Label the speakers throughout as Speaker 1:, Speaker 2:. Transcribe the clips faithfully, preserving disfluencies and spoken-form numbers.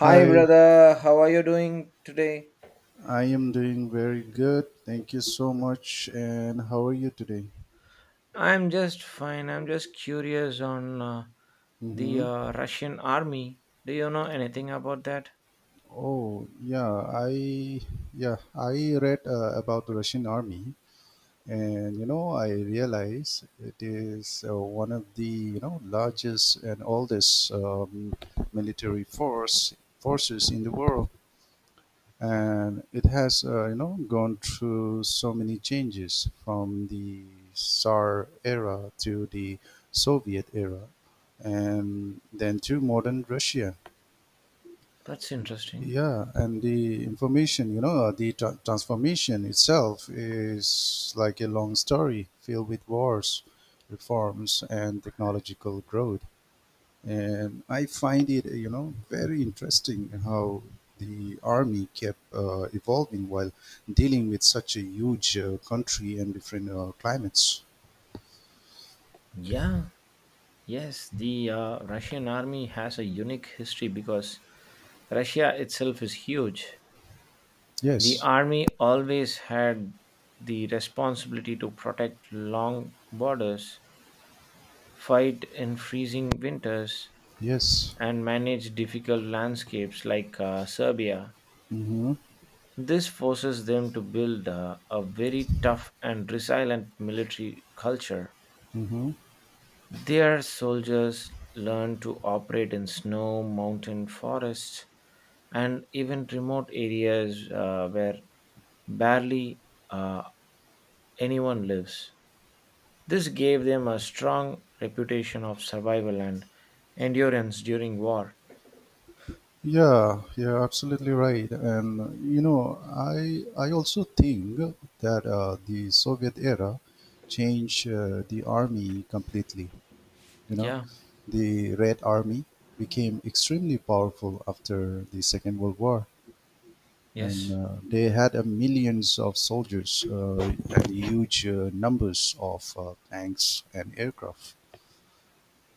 Speaker 1: Hi,
Speaker 2: Hi,
Speaker 1: brother. How are you doing today?
Speaker 2: I am doing very good. Thank you so much. And how are you today?
Speaker 1: I'm just fine. I'm just curious on uh, the
Speaker 2: Mm-hmm.
Speaker 1: uh, Russian army. Do you know anything about that?
Speaker 2: Oh, yeah, I yeah, I read uh, about the Russian army and you know, I realize it is uh, one of the, you know, largest and oldest um, military force forces in the world. And it has uh, you know gone through so many changes from the Tsar era to the Soviet era, and then to modern Russia.
Speaker 1: That's interesting.
Speaker 2: Yeah, and the information, you know, uh, the tra- transformation itself is like a long story filled with wars, reforms, and technological growth. And I find it, you know, very interesting how the army kept uh, evolving while dealing with such a huge uh, country and different uh, climates.
Speaker 1: Yeah, yes, the uh, Russian army has a unique history because Russia itself is huge. The
Speaker 2: Yes,
Speaker 1: army always had the responsibility to protect long borders, fight in freezing winters,
Speaker 2: yes.
Speaker 1: and manage difficult landscapes like uh, Serbia.
Speaker 2: Mm-hmm.
Speaker 1: This forces them to build uh, a very tough and resilient military culture.
Speaker 2: Mm-hmm.
Speaker 1: Their soldiers learn to operate in snow, mountain, forests, and even remote areas uh, where barely uh, anyone lives. This gave them a strong reputation of survival and endurance during war.
Speaker 2: Yeah, yeah, absolutely right. And uh, you know, I I also think that uh, the Soviet era changed uh, the army completely. You know,
Speaker 1: Yeah,
Speaker 2: the Red Army became extremely powerful after the Second World War. And
Speaker 1: yes.
Speaker 2: uh, they had uh, millions of soldiers uh, and huge uh, numbers of uh, tanks and aircraft.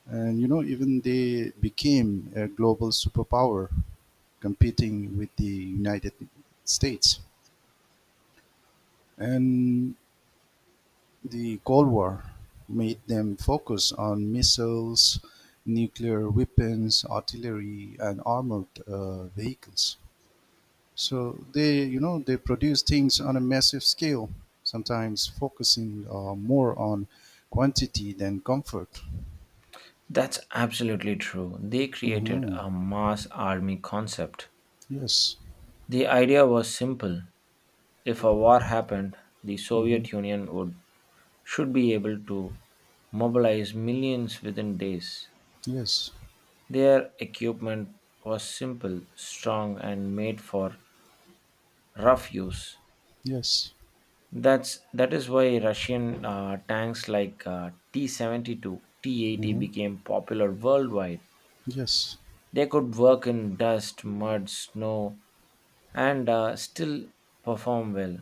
Speaker 2: And you know, even they became a global superpower, competing with the United States. And the Cold War made them focus on missiles, nuclear weapons, artillery, and armored uh, vehicles. So they, you know, they produce things on a massive scale, sometimes focusing uh, more on quantity than comfort.
Speaker 1: That's absolutely true. They created
Speaker 2: Hmm.
Speaker 1: a mass army concept.
Speaker 2: Yes.
Speaker 1: The idea was simple. If a war happened, the
Speaker 2: Hmm.
Speaker 1: Soviet Union would should be able to mobilize millions within days.
Speaker 2: Yes.
Speaker 1: Their equipment was simple, strong and made for rough use.
Speaker 2: Yes.
Speaker 1: That's that is why Russian uh, tanks like uh, T seventy-two, T eighty
Speaker 2: Hmm.
Speaker 1: became popular worldwide.
Speaker 2: Yes.
Speaker 1: They could work in dust, mud, snow, and uh, still perform well.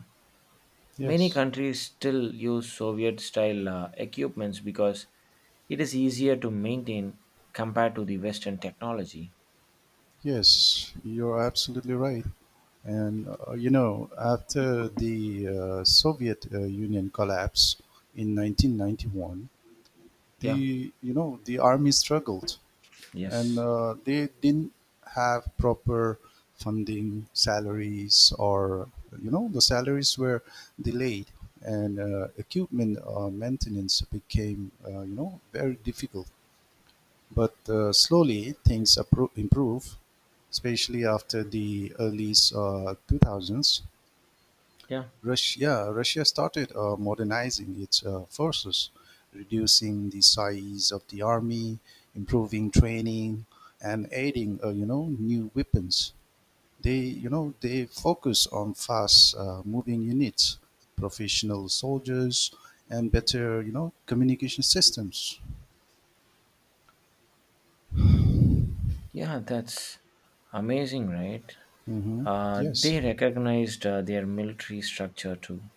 Speaker 1: Many
Speaker 2: Yes.
Speaker 1: countries still use Soviet style uh, equipments because it is easier to maintain compared to the Western technology.
Speaker 2: Yes. You're absolutely right. And uh, you know, after the uh, Soviet uh, Union collapse in nineteen ninety-one,
Speaker 1: Yeah,
Speaker 2: the you know the army struggled, and
Speaker 1: yes,
Speaker 2: uh, they didn't have proper funding salaries, or you know the salaries were delayed, and uh, equipment uh, maintenance became uh, you know very difficult, but uh, slowly things appro- improve, especially after the early uh, two thousands.
Speaker 1: yeah,
Speaker 2: Russia Russia started uh, modernizing its uh, forces, reducing the size of the army, improving training, and adding uh, you know new weapons. They you know they focus on fast uh, moving units, professional soldiers, and better you know communication systems.
Speaker 1: yeah, that's amazing, right?
Speaker 2: Hmm.
Speaker 1: Uh,
Speaker 2: Yes,
Speaker 1: they recognized uh, their military structure too,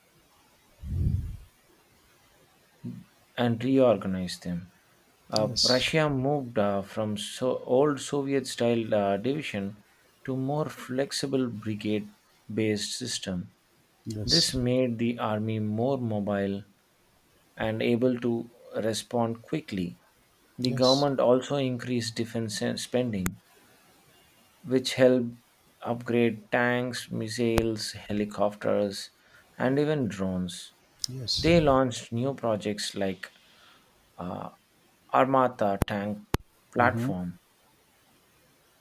Speaker 1: and reorganize them. Uh,
Speaker 2: yes,
Speaker 1: Russia moved uh, from so old Soviet style uh, division to more flexible brigade based system. This
Speaker 2: yes,
Speaker 1: made the army more mobile and able to respond quickly. The
Speaker 2: yes,
Speaker 1: government also increased defense spending, which helped upgrade tanks, missiles, helicopters, and even drones.
Speaker 2: yes.
Speaker 1: They launched new projects like uh, Armata tank
Speaker 2: Hmm.
Speaker 1: platform,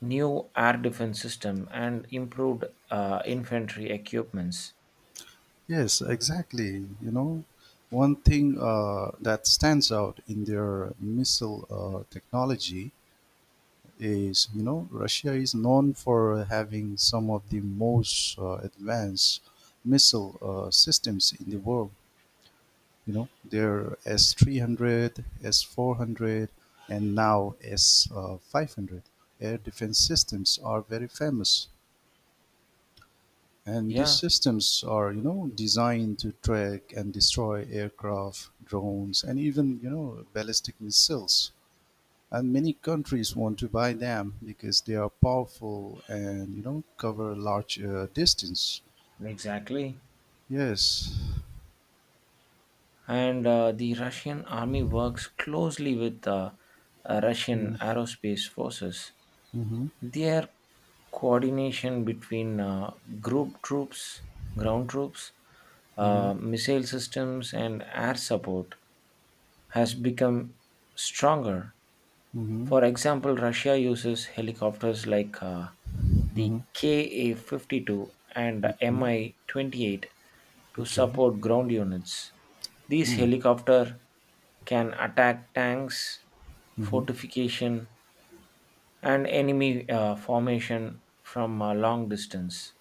Speaker 1: new air defense system, and improved uh, infantry equipments.
Speaker 2: Yes, exactly. You know, one thing uh, that stands out in their missile uh, technology is, you know, Russia is known for having some of the most uh, advanced missile uh, systems in the world. You know, their S three hundred, S four hundred, and now S five hundred air defense systems are very famous. And these
Speaker 1: Yeah,
Speaker 2: systems are, you know, designed to track and destroy aircraft, drones, and even, you know, ballistic missiles. And many countries want to buy them because they are powerful and, you know, cover large uh, distance.
Speaker 1: exactly.
Speaker 2: Yes.
Speaker 1: And uh, the Russian army works closely with uh, uh,
Speaker 2: Mm-hmm.
Speaker 1: Russian aerospace forces.
Speaker 2: Mm-hmm.
Speaker 1: Their coordination between uh, group troops, ground troops,
Speaker 2: Mm-hmm.
Speaker 1: uh, missile systems, and air support has become stronger.
Speaker 2: Mm-hmm.
Speaker 1: For example, Russia uses helicopters like uh, the Ka fifty-two and
Speaker 2: Mm-hmm.
Speaker 1: Mi twenty-eight to
Speaker 2: Okay.
Speaker 1: support ground units. These
Speaker 2: Mm-hmm.
Speaker 1: helicopters can attack tanks,
Speaker 2: Mm-hmm.
Speaker 1: fortification, and enemy uh, formation from a long distance.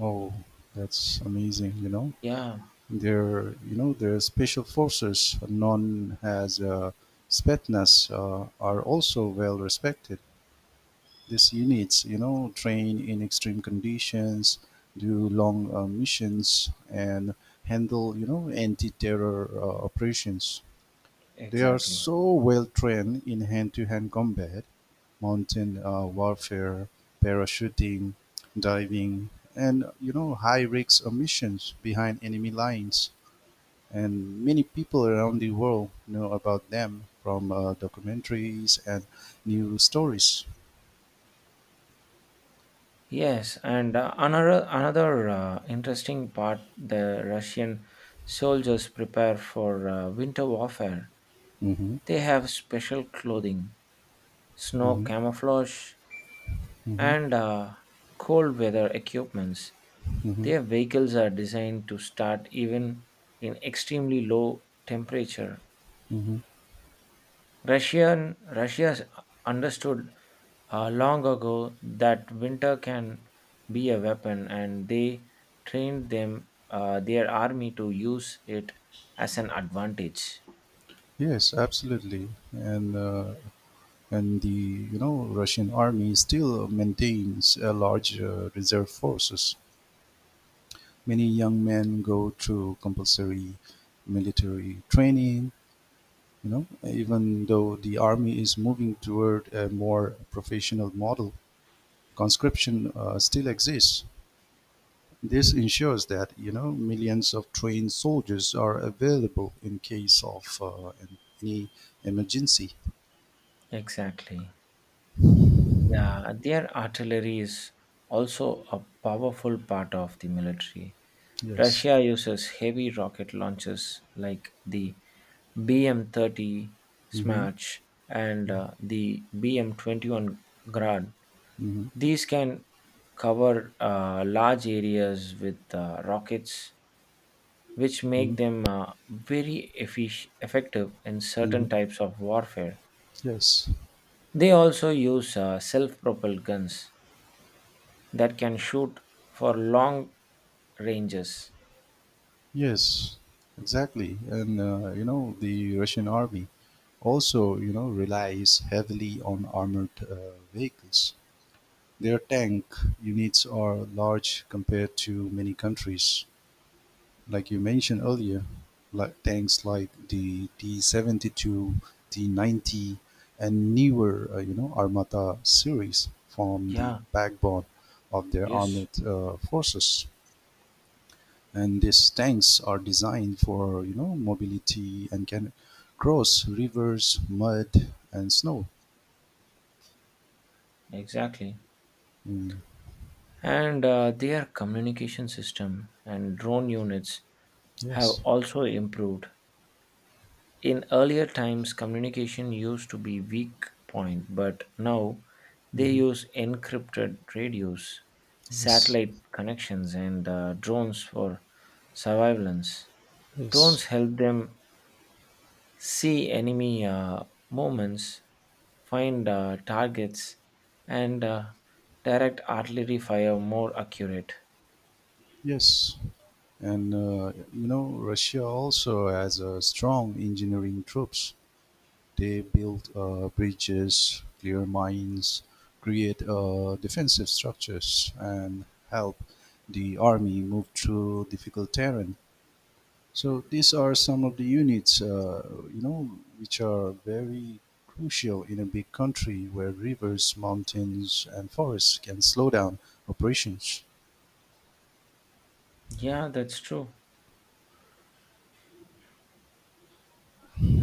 Speaker 2: Oh, that's amazing, you know.
Speaker 1: Yeah,
Speaker 2: They're, you know, the special forces, known as uh, Spetsnaz, uh, are also well respected. These units, you know, train in extreme conditions, do long uh, missions, and handle, you know, anti-terror uh, operations. They are
Speaker 1: exactly.
Speaker 2: so well trained in hand-to-hand combat, mountain uh, warfare, parachuting, diving, and you know, high-risk uh, missions behind enemy lines, and many people around the world know about them from uh, documentaries and news stories.
Speaker 1: Yes, and uh, another another uh, interesting part: the Russian soldiers prepare for uh, winter warfare.
Speaker 2: Hmm.
Speaker 1: They have special clothing, snow
Speaker 2: Hmm.
Speaker 1: camouflage,
Speaker 2: Hmm.
Speaker 1: and uh, cold weather equipments.
Speaker 2: Hmm.
Speaker 1: Their vehicles are designed to start even in extremely low temperature.
Speaker 2: Hmm.
Speaker 1: Russian Russia understood uh, long ago that winter can be a weapon, and they trained them uh, their army to use it as an advantage.
Speaker 2: Yes, absolutely, and uh, and the you know Russian army still maintains a large uh, reserve forces. Many young men go through compulsory military training. You know, even though the army is moving toward a more professional model, conscription uh, still exists. This ensures that you know millions of trained soldiers are available in case of uh, an- any emergency.
Speaker 1: Exactly. Yeah, their artillery is also a powerful part of the military.
Speaker 2: Yes.
Speaker 1: Russia uses heavy rocket launchers like the B M thirty
Speaker 2: Mm-hmm.
Speaker 1: Smash and uh, the B M twenty-one Grad.
Speaker 2: Mm-hmm.
Speaker 1: These can cover uh, large areas with uh, rockets, which
Speaker 2: Mm-hmm.
Speaker 1: make them uh, very effic- effective in
Speaker 2: Mm-hmm.
Speaker 1: certain types of warfare.
Speaker 2: Yes.
Speaker 1: They also use uh, self propelled guns that can shoot for long ranges.
Speaker 2: Yes. Exactly. And uh, you know the Russian army also you know relies heavily on armored uh, vehicles. Their tank units are large compared to many countries, like you mentioned earlier, like tanks like the T seventy-two, T ninety, and newer, uh, you know, Armata series form the
Speaker 1: Yeah,
Speaker 2: backbone of their
Speaker 1: yes,
Speaker 2: armored uh, forces. And these tanks are designed for, you know, mobility and can cross rivers, mud, and snow.
Speaker 1: exactly.
Speaker 2: Mm.
Speaker 1: And uh, their communication system and drone units have
Speaker 2: Yes.
Speaker 1: also improved. In earlier times, communication used to be weak point, but now they
Speaker 2: Hmm.
Speaker 1: use encrypted radios,
Speaker 2: Yes.
Speaker 1: satellite connections, and uh, drones for surveillance.
Speaker 2: Yes.
Speaker 1: Drones help them see enemy uh, movements, find uh, targets, and uh, direct artillery fire more accurate.
Speaker 2: Yes. And, uh, you know, Russia also has a strong engineering troops. They build uh, bridges, clear mines, create uh, defensive structures, and help the army move through difficult terrain. So these are some of the units, uh, you know, which are very crucial in a big country where rivers, mountains, and forests can slow down operations.
Speaker 1: Yeah, that's true.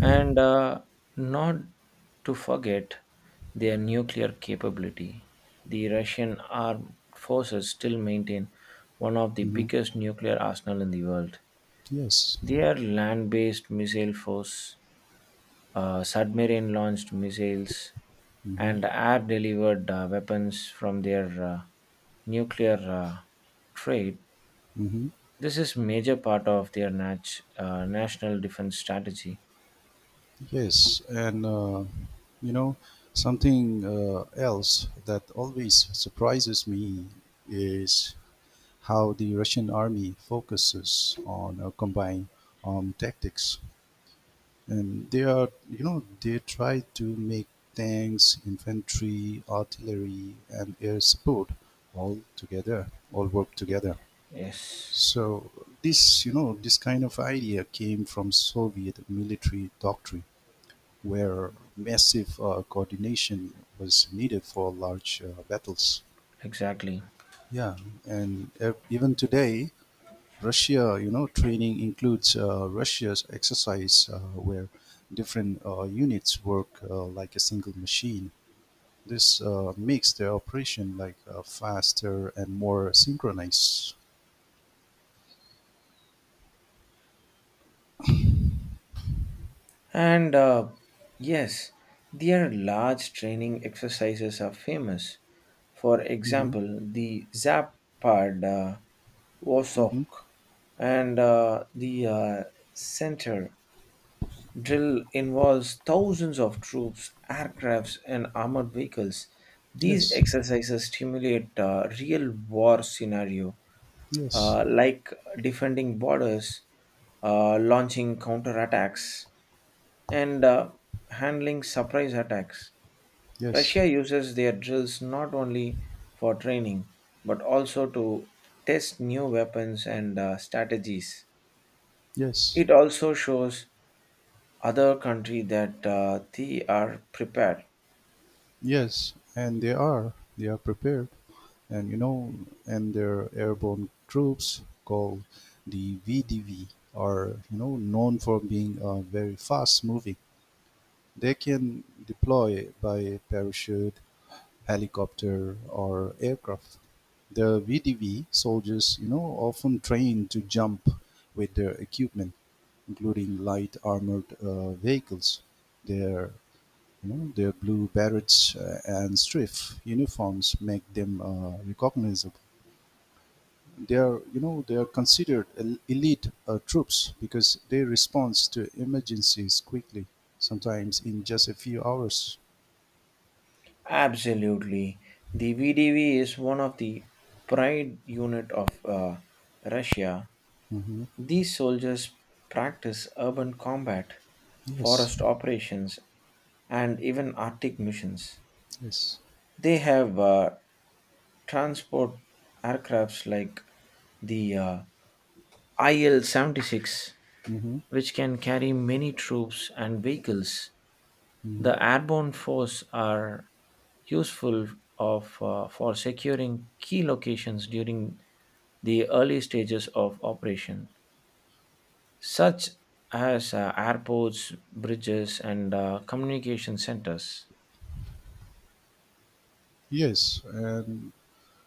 Speaker 1: And uh, not to forget their nuclear capability. The Russian armed forces still maintain one of the
Speaker 2: Hmm.
Speaker 1: biggest nuclear arsenal in the world.
Speaker 2: Yes.
Speaker 1: Their land based missile force, uh, submarine launched missiles,
Speaker 2: Hmm.
Speaker 1: and air delivered uh, weapons from their uh, nuclear uh, trade.
Speaker 2: Hmm.
Speaker 1: This is major part of their nat- uh, national defense strategy.
Speaker 2: Yes, and uh, you know, something uh, else that always surprises me is how the Russian army focuses on uh, combined armed tactics. And they are, you know, they try to make tanks, infantry, artillery, and air support all together, all work together.
Speaker 1: Yes,
Speaker 2: So this, you know, this kind of idea came from Soviet military doctrine where massive uh, coordination was needed for large uh, battles.
Speaker 1: exactly.
Speaker 2: Yeah, and uh, even today, Russia, you know, training includes uh, Russia's exercise uh, where different uh, units work uh, like a single machine. This uh, makes the operation like uh, faster and more synchronized.
Speaker 1: And uh, yes, their large training exercises are famous. For
Speaker 2: Hmm.
Speaker 1: example, the Zapad, uh, Wosok,
Speaker 2: Hmm.
Speaker 1: and uh, the uh, Center drill involves thousands of troops, aircrafts, and armored vehicles. These
Speaker 2: Yes,
Speaker 1: exercises stimulate uh, real war scenario,
Speaker 2: yes,
Speaker 1: uh, like defending borders, uh, launching counterattacks, and uh, handling surprise attacks.
Speaker 2: yes,
Speaker 1: Russia uses their drills not only for training but also to test new weapons and uh, strategies.
Speaker 2: yes,
Speaker 1: It also shows other country that uh, they are prepared.
Speaker 2: yes, and they are they are prepared. and you know, and their airborne troops called the V D V are you know known for being uh, very fast moving. They can deploy by parachute, helicopter, or aircraft. The V D V soldiers, you know, often train to jump with their equipment, including light armored uh, vehicles. Their you know, their blue barrets uh, and strife uniforms make them uh, recognizable. They are you know they are considered el- elite uh, troops because they respond to emergencies quickly, sometimes in just a few hours.
Speaker 1: Absolutely, the V D V is one of the pride unit of uh, Russia.
Speaker 2: Hmm.
Speaker 1: These soldiers practice urban combat,
Speaker 2: Yes.
Speaker 1: forest operations, and even Arctic missions.
Speaker 2: Yes.
Speaker 1: They have uh, transport aircrafts like the uh, I L seventy-six,
Speaker 2: Hmm.
Speaker 1: which can carry many troops and vehicles. The
Speaker 2: Hmm.
Speaker 1: airborne force are useful of uh, for securing key locations during the early stages of operation, such as uh, airports, bridges, and uh, communication centers.
Speaker 2: Yes, and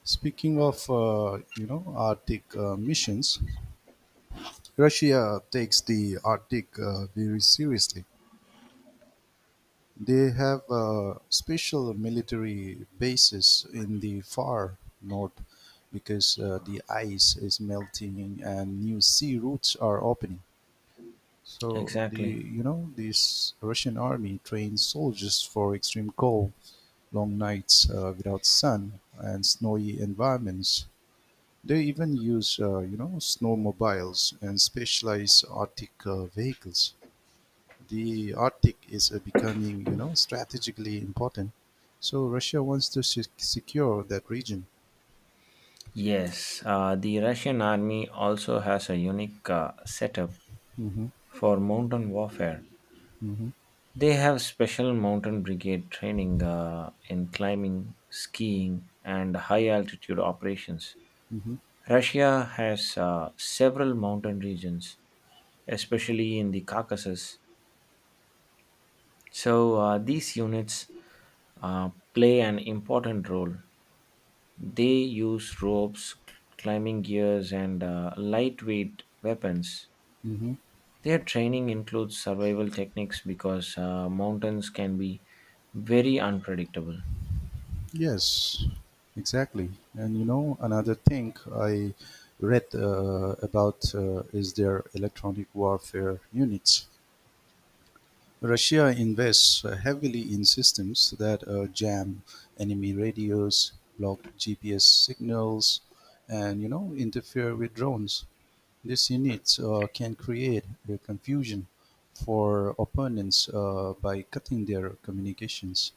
Speaker 2: speaking of uh, you know arctic uh, missions, russia takes the arctic uh, very seriously. They have uh, special military bases in the far north because uh, the ice is melting and new sea routes are opening. So the
Speaker 1: Exactly.
Speaker 2: you know this Russian army trains soldiers for extreme cold, long nights uh, without sun, and snowy environments. They even use uh, you know snowmobiles and specialized Arctic uh, vehicles. The Arctic is uh, becoming, you know, strategically important. So Russia wants to se- secure that region.
Speaker 1: Yes, uh, the Russian army also has a unique uh, setup
Speaker 2: Hmm.
Speaker 1: for mountain warfare.
Speaker 2: Hmm.
Speaker 1: They have special mountain brigade training uh, in climbing, skiing, and high altitude operations.
Speaker 2: Hmm.
Speaker 1: Russia has uh, several mountain regions, especially in the Caucasus. So uh, these units uh, play an important role. They use ropes, climbing gears, and uh, lightweight weapons.
Speaker 2: Hmm.
Speaker 1: Their training includes survival techniques because uh, mountains can be very unpredictable.
Speaker 2: Yes, exactly. And you know, another thing I read uh, about uh, is their electronic warfare units. Russia invests uh, heavily in systems that uh, jam enemy radios, block G P S signals, and you know interfere with drones. These units uh, can create uh, confusion for opponents uh, by cutting their communications.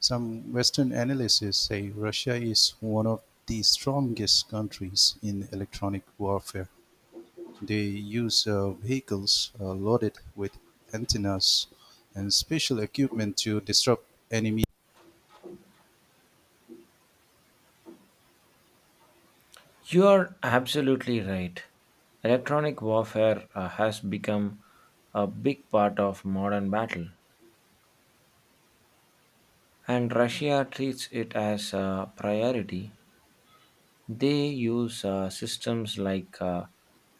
Speaker 2: Some Western analysts say Russia is one of the strongest countries in electronic warfare. They use uh, vehicles uh, loaded with antennas and special equipment to disrupt enemy.
Speaker 1: You are absolutely right. Electronic warfare uh, has become a big part of modern battle, and Russia treats it as a priority. They use uh, systems like uh,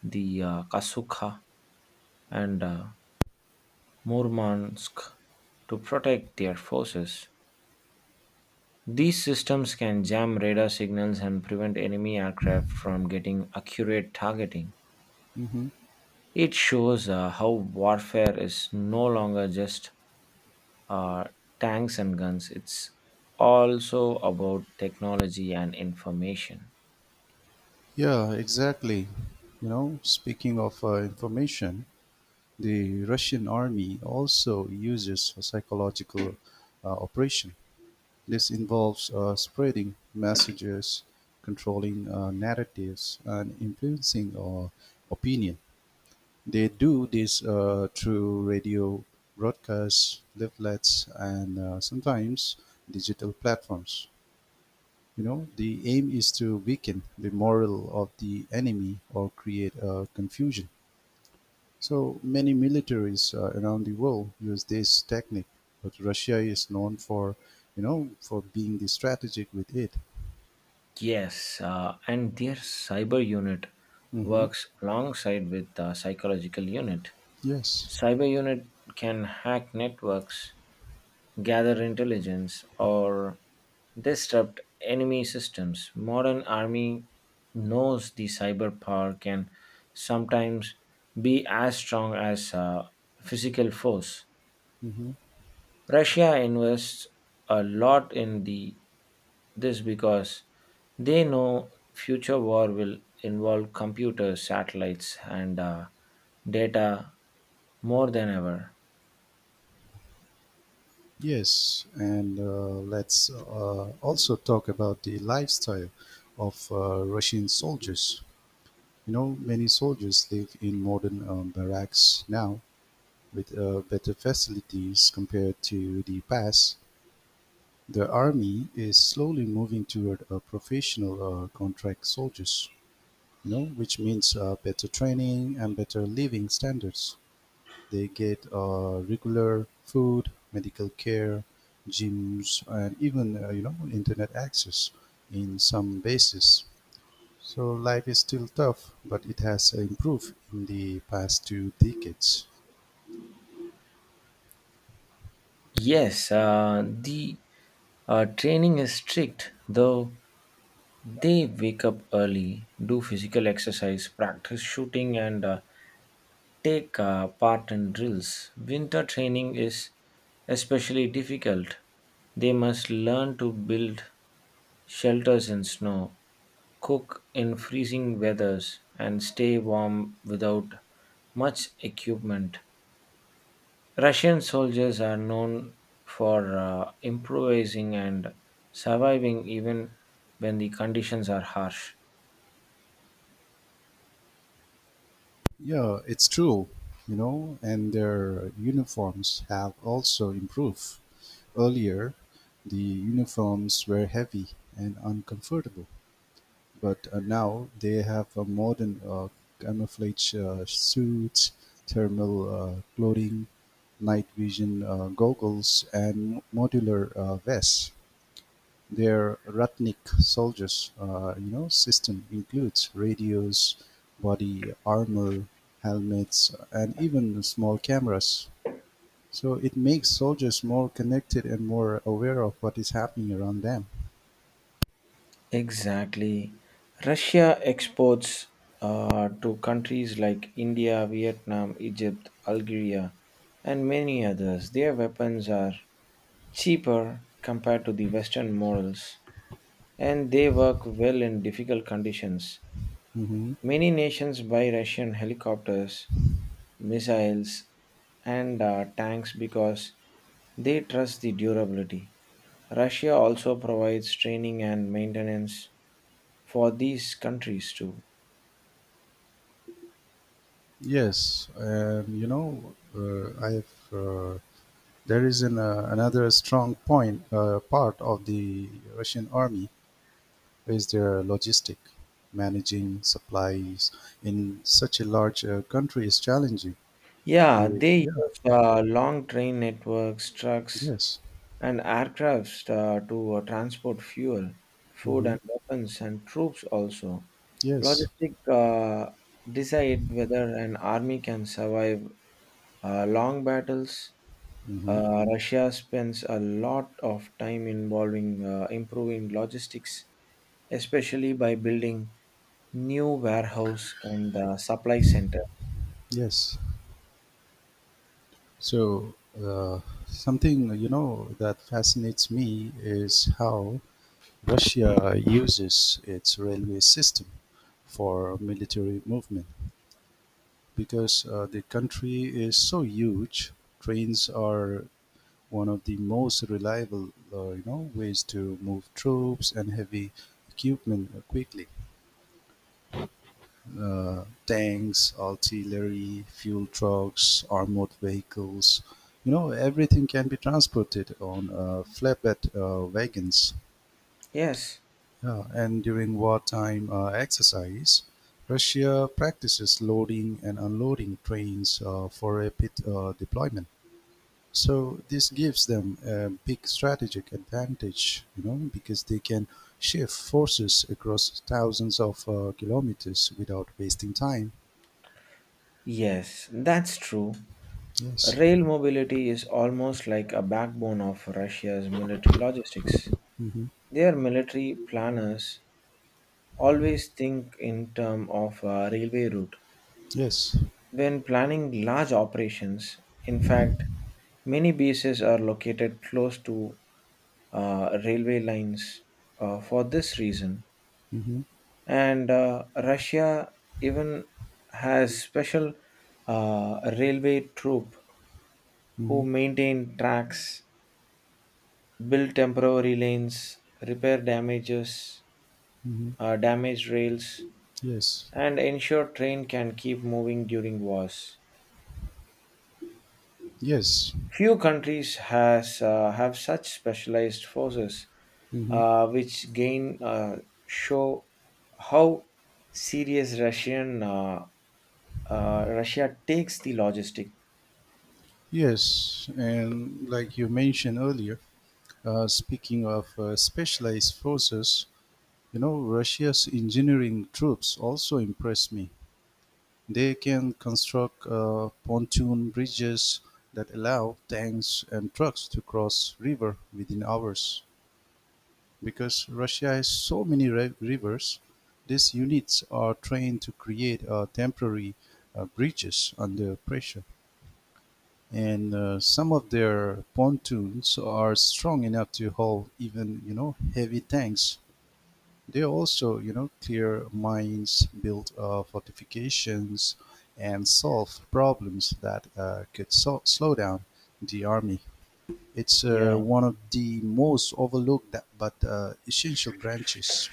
Speaker 1: the uh, Kasukha and uh, Murmansk to protect their forces. These systems can jam radar signals and prevent enemy aircraft from getting accurate targeting.
Speaker 2: Mhm.
Speaker 1: It shows uh, how warfare is no longer just uh, tanks and guns, it's also about technology and information.
Speaker 2: Yeah, exactly. You know, speaking of uh, information, the Russian Army also uses a psychological uh, operation. This involves uh, spreading messages, controlling uh, narratives, and influencing uh, opinion. They do this uh, through radio broadcasts, leaflets, and uh, sometimes digital platforms. You know, the aim is to weaken the morale of the enemy or create uh, confusion. So many militaries uh, around the world use this technique, but Russia is known for, you know, for being the strategic with it.
Speaker 1: Yes, uh, and their cyber unit
Speaker 2: Hmm.
Speaker 1: works alongside with the psychological unit.
Speaker 2: Yes.
Speaker 1: Cyber unit can hack networks, gather intelligence, or disrupt enemy systems. Modern army knows the cyber power can sometimes be as strong as uh, physical force.
Speaker 2: Hmm.
Speaker 1: Russia invests a lot in the this because they know future war will involve computers, satellites, and uh, data more than ever.
Speaker 2: Yes, and uh, let's uh, also talk about the lifestyle of uh, Russian soldiers. You know, many soldiers live in modern um, barracks now with uh, better facilities compared to the past. The army is slowly moving toward a professional uh, contract soldiers, you know, which means uh, better training and better living standards. They get uh, regular food, medical care, gyms, and even uh, you know internet access in some bases. So life is still tough, but it has improved in the past two decades.
Speaker 1: Yes, uh, the uh, training is strict, though. They wake up early, do physical exercise, practice shooting, and uh, take uh, part in drills. Winter training is especially difficult. They must learn to build shelters in snow, cook in freezing weathers, and stay warm without much equipment. Russian soldiers are known for uh, improvising and surviving even when the conditions are harsh.
Speaker 2: Yeah, it's true, you know, and their uniforms have also improved. Earlier, the uniforms were heavy and uncomfortable, but uh, now they have uh, modern uh, camouflage uh, suits, thermal uh, clothing, night vision uh, goggles, and modular uh, vests. Their Ratnik soldiers, uh, you know, system includes radios, body armor, helmets, and even small cameras. So it makes soldiers more connected and more aware of what is happening around them.
Speaker 1: Exactly. Russia exports uh, to countries like India, Vietnam, Egypt, Algeria, and many others. Their weapons are cheaper compared to the Western models, and they work well in difficult conditions.
Speaker 2: Hmm.
Speaker 1: Many nations buy Russian helicopters, missiles, and uh, tanks because they trust the durability. Russia also provides training and maintenance for these countries too.
Speaker 2: Yes, and you know, uh, I've uh, there is an, uh, another strong point uh, part of the Russian army is their logistic. Managing supplies in such a large uh, country is challenging.
Speaker 1: Yeah,
Speaker 2: The,
Speaker 1: they
Speaker 2: yeah,
Speaker 1: use uh, long train networks, trucks,
Speaker 2: yes.
Speaker 1: and aircrafts uh, to uh, transport fuel, food,
Speaker 2: Hmm.
Speaker 1: and weapons, and troops also.
Speaker 2: Yes.
Speaker 1: Logistic uh, decide whether an army can survive Uh, long battles.
Speaker 2: Hmm.
Speaker 1: Uh, Russia spends a lot of time involving uh, improving logistics, especially by building new warehouse and the supply center.
Speaker 2: Yes. So, uh, something you know that fascinates me is how Russia uses its railway system for military movement because uh, the country is so huge. Trains are one of the most reliable, uh, you know, ways to move troops and heavy equipment quickly. uh, tanks, artillery, fuel trucks, armored vehicles. You know, everything can be transported on uh, flatbed uh, wagons.
Speaker 1: Yes,
Speaker 2: Yeah, and during wartime uh, exercise, Russia practices loading and unloading trains uh, for rapid uh, deployment. So this gives them a big strategic advantage, you know, because they can shift forces across thousands of uh, kilometers without wasting time.
Speaker 1: yes, that's true.
Speaker 2: Yes.
Speaker 1: Rail mobility is almost like a backbone of Russia's military logistics.
Speaker 2: Mhm.
Speaker 1: Their military planners always think in terms of a railway route
Speaker 2: Yes.
Speaker 1: when planning large operations. In fact, many bases are located close to uh, railway lines uh, for this reason.
Speaker 2: Mhm.
Speaker 1: And uh, Russia even has special uh, railway troop who
Speaker 2: Mhm.
Speaker 1: maintain tracks, build temporary lanes, repair damages,
Speaker 2: Mhm.
Speaker 1: uh, damaged rails,
Speaker 2: Yes.
Speaker 1: and ensure train can keep moving during wars.
Speaker 2: Yes.
Speaker 1: Few countries has uh, have such specialized forces,
Speaker 2: Mhm.
Speaker 1: uh, which gain uh, show how serious Russian uh, uh, Russia takes the logistic.
Speaker 2: Yes. And like you mentioned earlier, uh, speaking of uh, specialized forces, you know, Russia's engineering troops also impress me. They can construct uh, pontoon bridges that allow tanks and trucks to cross river within hours. Because Russia has so many ri- rivers, these units are trained to create uh, temporary uh, breaches under pressure. And uh, some of their pontoons are strong enough to hold even, you know, heavy tanks. They also, you know, clear mines, build uh, fortifications, and solve problems that uh, could so- slow down the army. It's uh,
Speaker 1: Yeah.
Speaker 2: one of the most overlooked but uh, essential branches.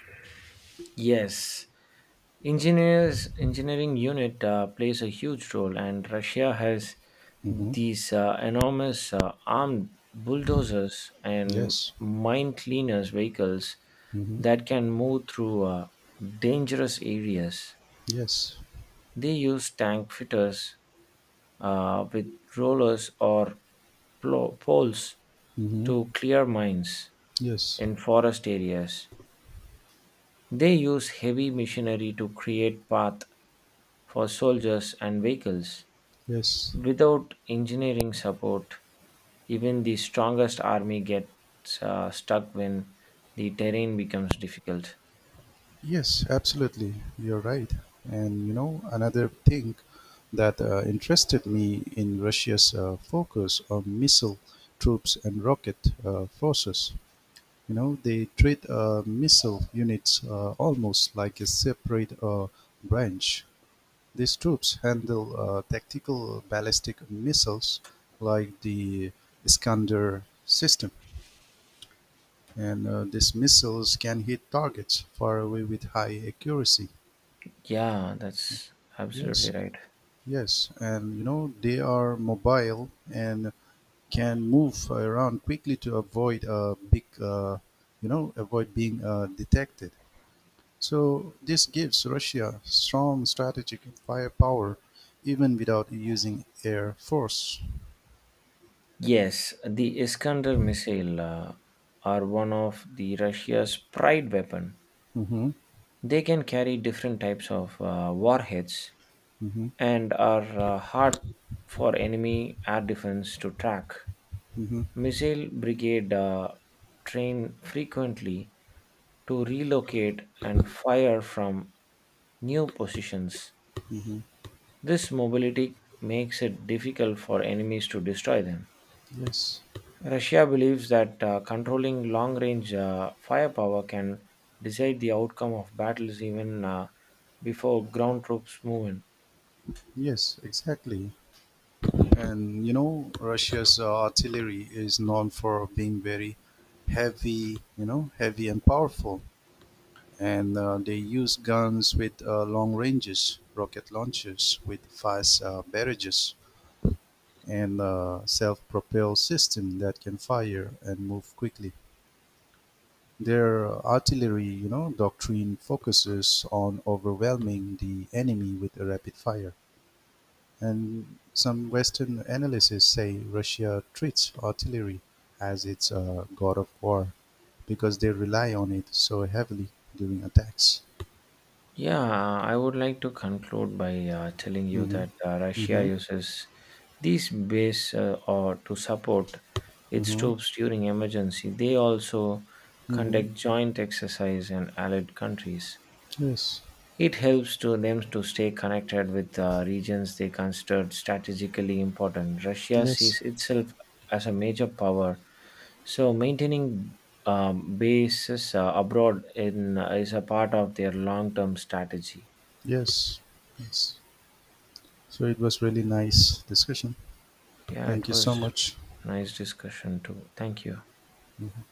Speaker 1: Yes, engineers engineering unit uh, plays a huge role, and Russia has
Speaker 2: Mm-hmm.
Speaker 1: these uh, enormous uh, armed bulldozers and
Speaker 2: Yes.
Speaker 1: mine cleaners vehicles
Speaker 2: Mm-hmm.
Speaker 1: that can move through uh, dangerous areas.
Speaker 2: Yes.
Speaker 1: They use tank fitters uh, with rollers or plo- poles
Speaker 2: Mm-hmm.
Speaker 1: to clear mines
Speaker 2: Yes.
Speaker 1: in forest areas. They use heavy machinery to create path for soldiers and vehicles.
Speaker 2: Yes.
Speaker 1: Without engineering support, even the strongest army gets uh, stuck when the terrain becomes difficult.
Speaker 2: Yes. Absolutely. You're right. And you know, another thing that uh, interested me in Russia's uh, focus on missile troops and rocket uh, forces. You know, they treat uh, missile units uh, almost like a separate uh, branch. These troops handle uh, tactical ballistic missiles like the Iskander system. And uh, these missiles can hit targets far away with high accuracy.
Speaker 1: Yeah, that's absolutely
Speaker 2: Yes,
Speaker 1: right.
Speaker 2: yes. And you know, they are mobile and can move around quickly to avoid a big, uh, you know, avoid being uh, detected. So this gives Russia strong strategic firepower even without using air force.
Speaker 1: Yes, the Iskander missile uh, are one of the Russia's pride weapon.
Speaker 2: Mm-hmm.
Speaker 1: They can carry different types of uh, warheads
Speaker 2: Mm-hmm.
Speaker 1: and are uh, hard for enemy air defense to track.
Speaker 2: Mm-hmm.
Speaker 1: Missile brigade uh, train frequently to relocate and fire from new positions.
Speaker 2: Mm-hmm.
Speaker 1: This mobility makes it difficult for enemies to destroy them.
Speaker 2: Yes.
Speaker 1: Russia believes that uh, controlling long range uh, firepower can decide the outcome of battles even uh, before ground troops move in.
Speaker 2: Yes, exactly. And you know, Russia's uh, artillery is known for being very heavy, you know, heavy and powerful. And uh, they use guns with uh, long ranges, rocket launchers with fast uh, barrages, and uh, self-propelled system that can fire and move quickly. Their artillery, you know, doctrine focuses on overwhelming the enemy with a rapid fire. And some Western analysts say Russia treats artillery as its uh, god of war because they rely on it so heavily during attacks.
Speaker 1: Yeah, I would like to conclude by uh, telling you
Speaker 2: Mm-hmm.
Speaker 1: that uh, Russia
Speaker 2: Mm-hmm.
Speaker 1: uses these base uh, or to support its
Speaker 2: Mm-hmm.
Speaker 1: troops during emergency. They also
Speaker 2: Mm-hmm.
Speaker 1: conduct joint exercise in allied countries.
Speaker 2: Yes.
Speaker 1: It helps to them to stay connected with uh, regions they considered strategically important. Russia
Speaker 2: Yes.
Speaker 1: sees itself as a major power, so maintaining um, bases uh, abroad in uh, is a part of their long-term strategy.
Speaker 2: Yes. Yes. So it was really nice discussion.
Speaker 1: Yeah,
Speaker 2: Thank
Speaker 1: it
Speaker 2: you so
Speaker 1: was
Speaker 2: much.
Speaker 1: nice discussion too. Thank you.
Speaker 2: Mhm.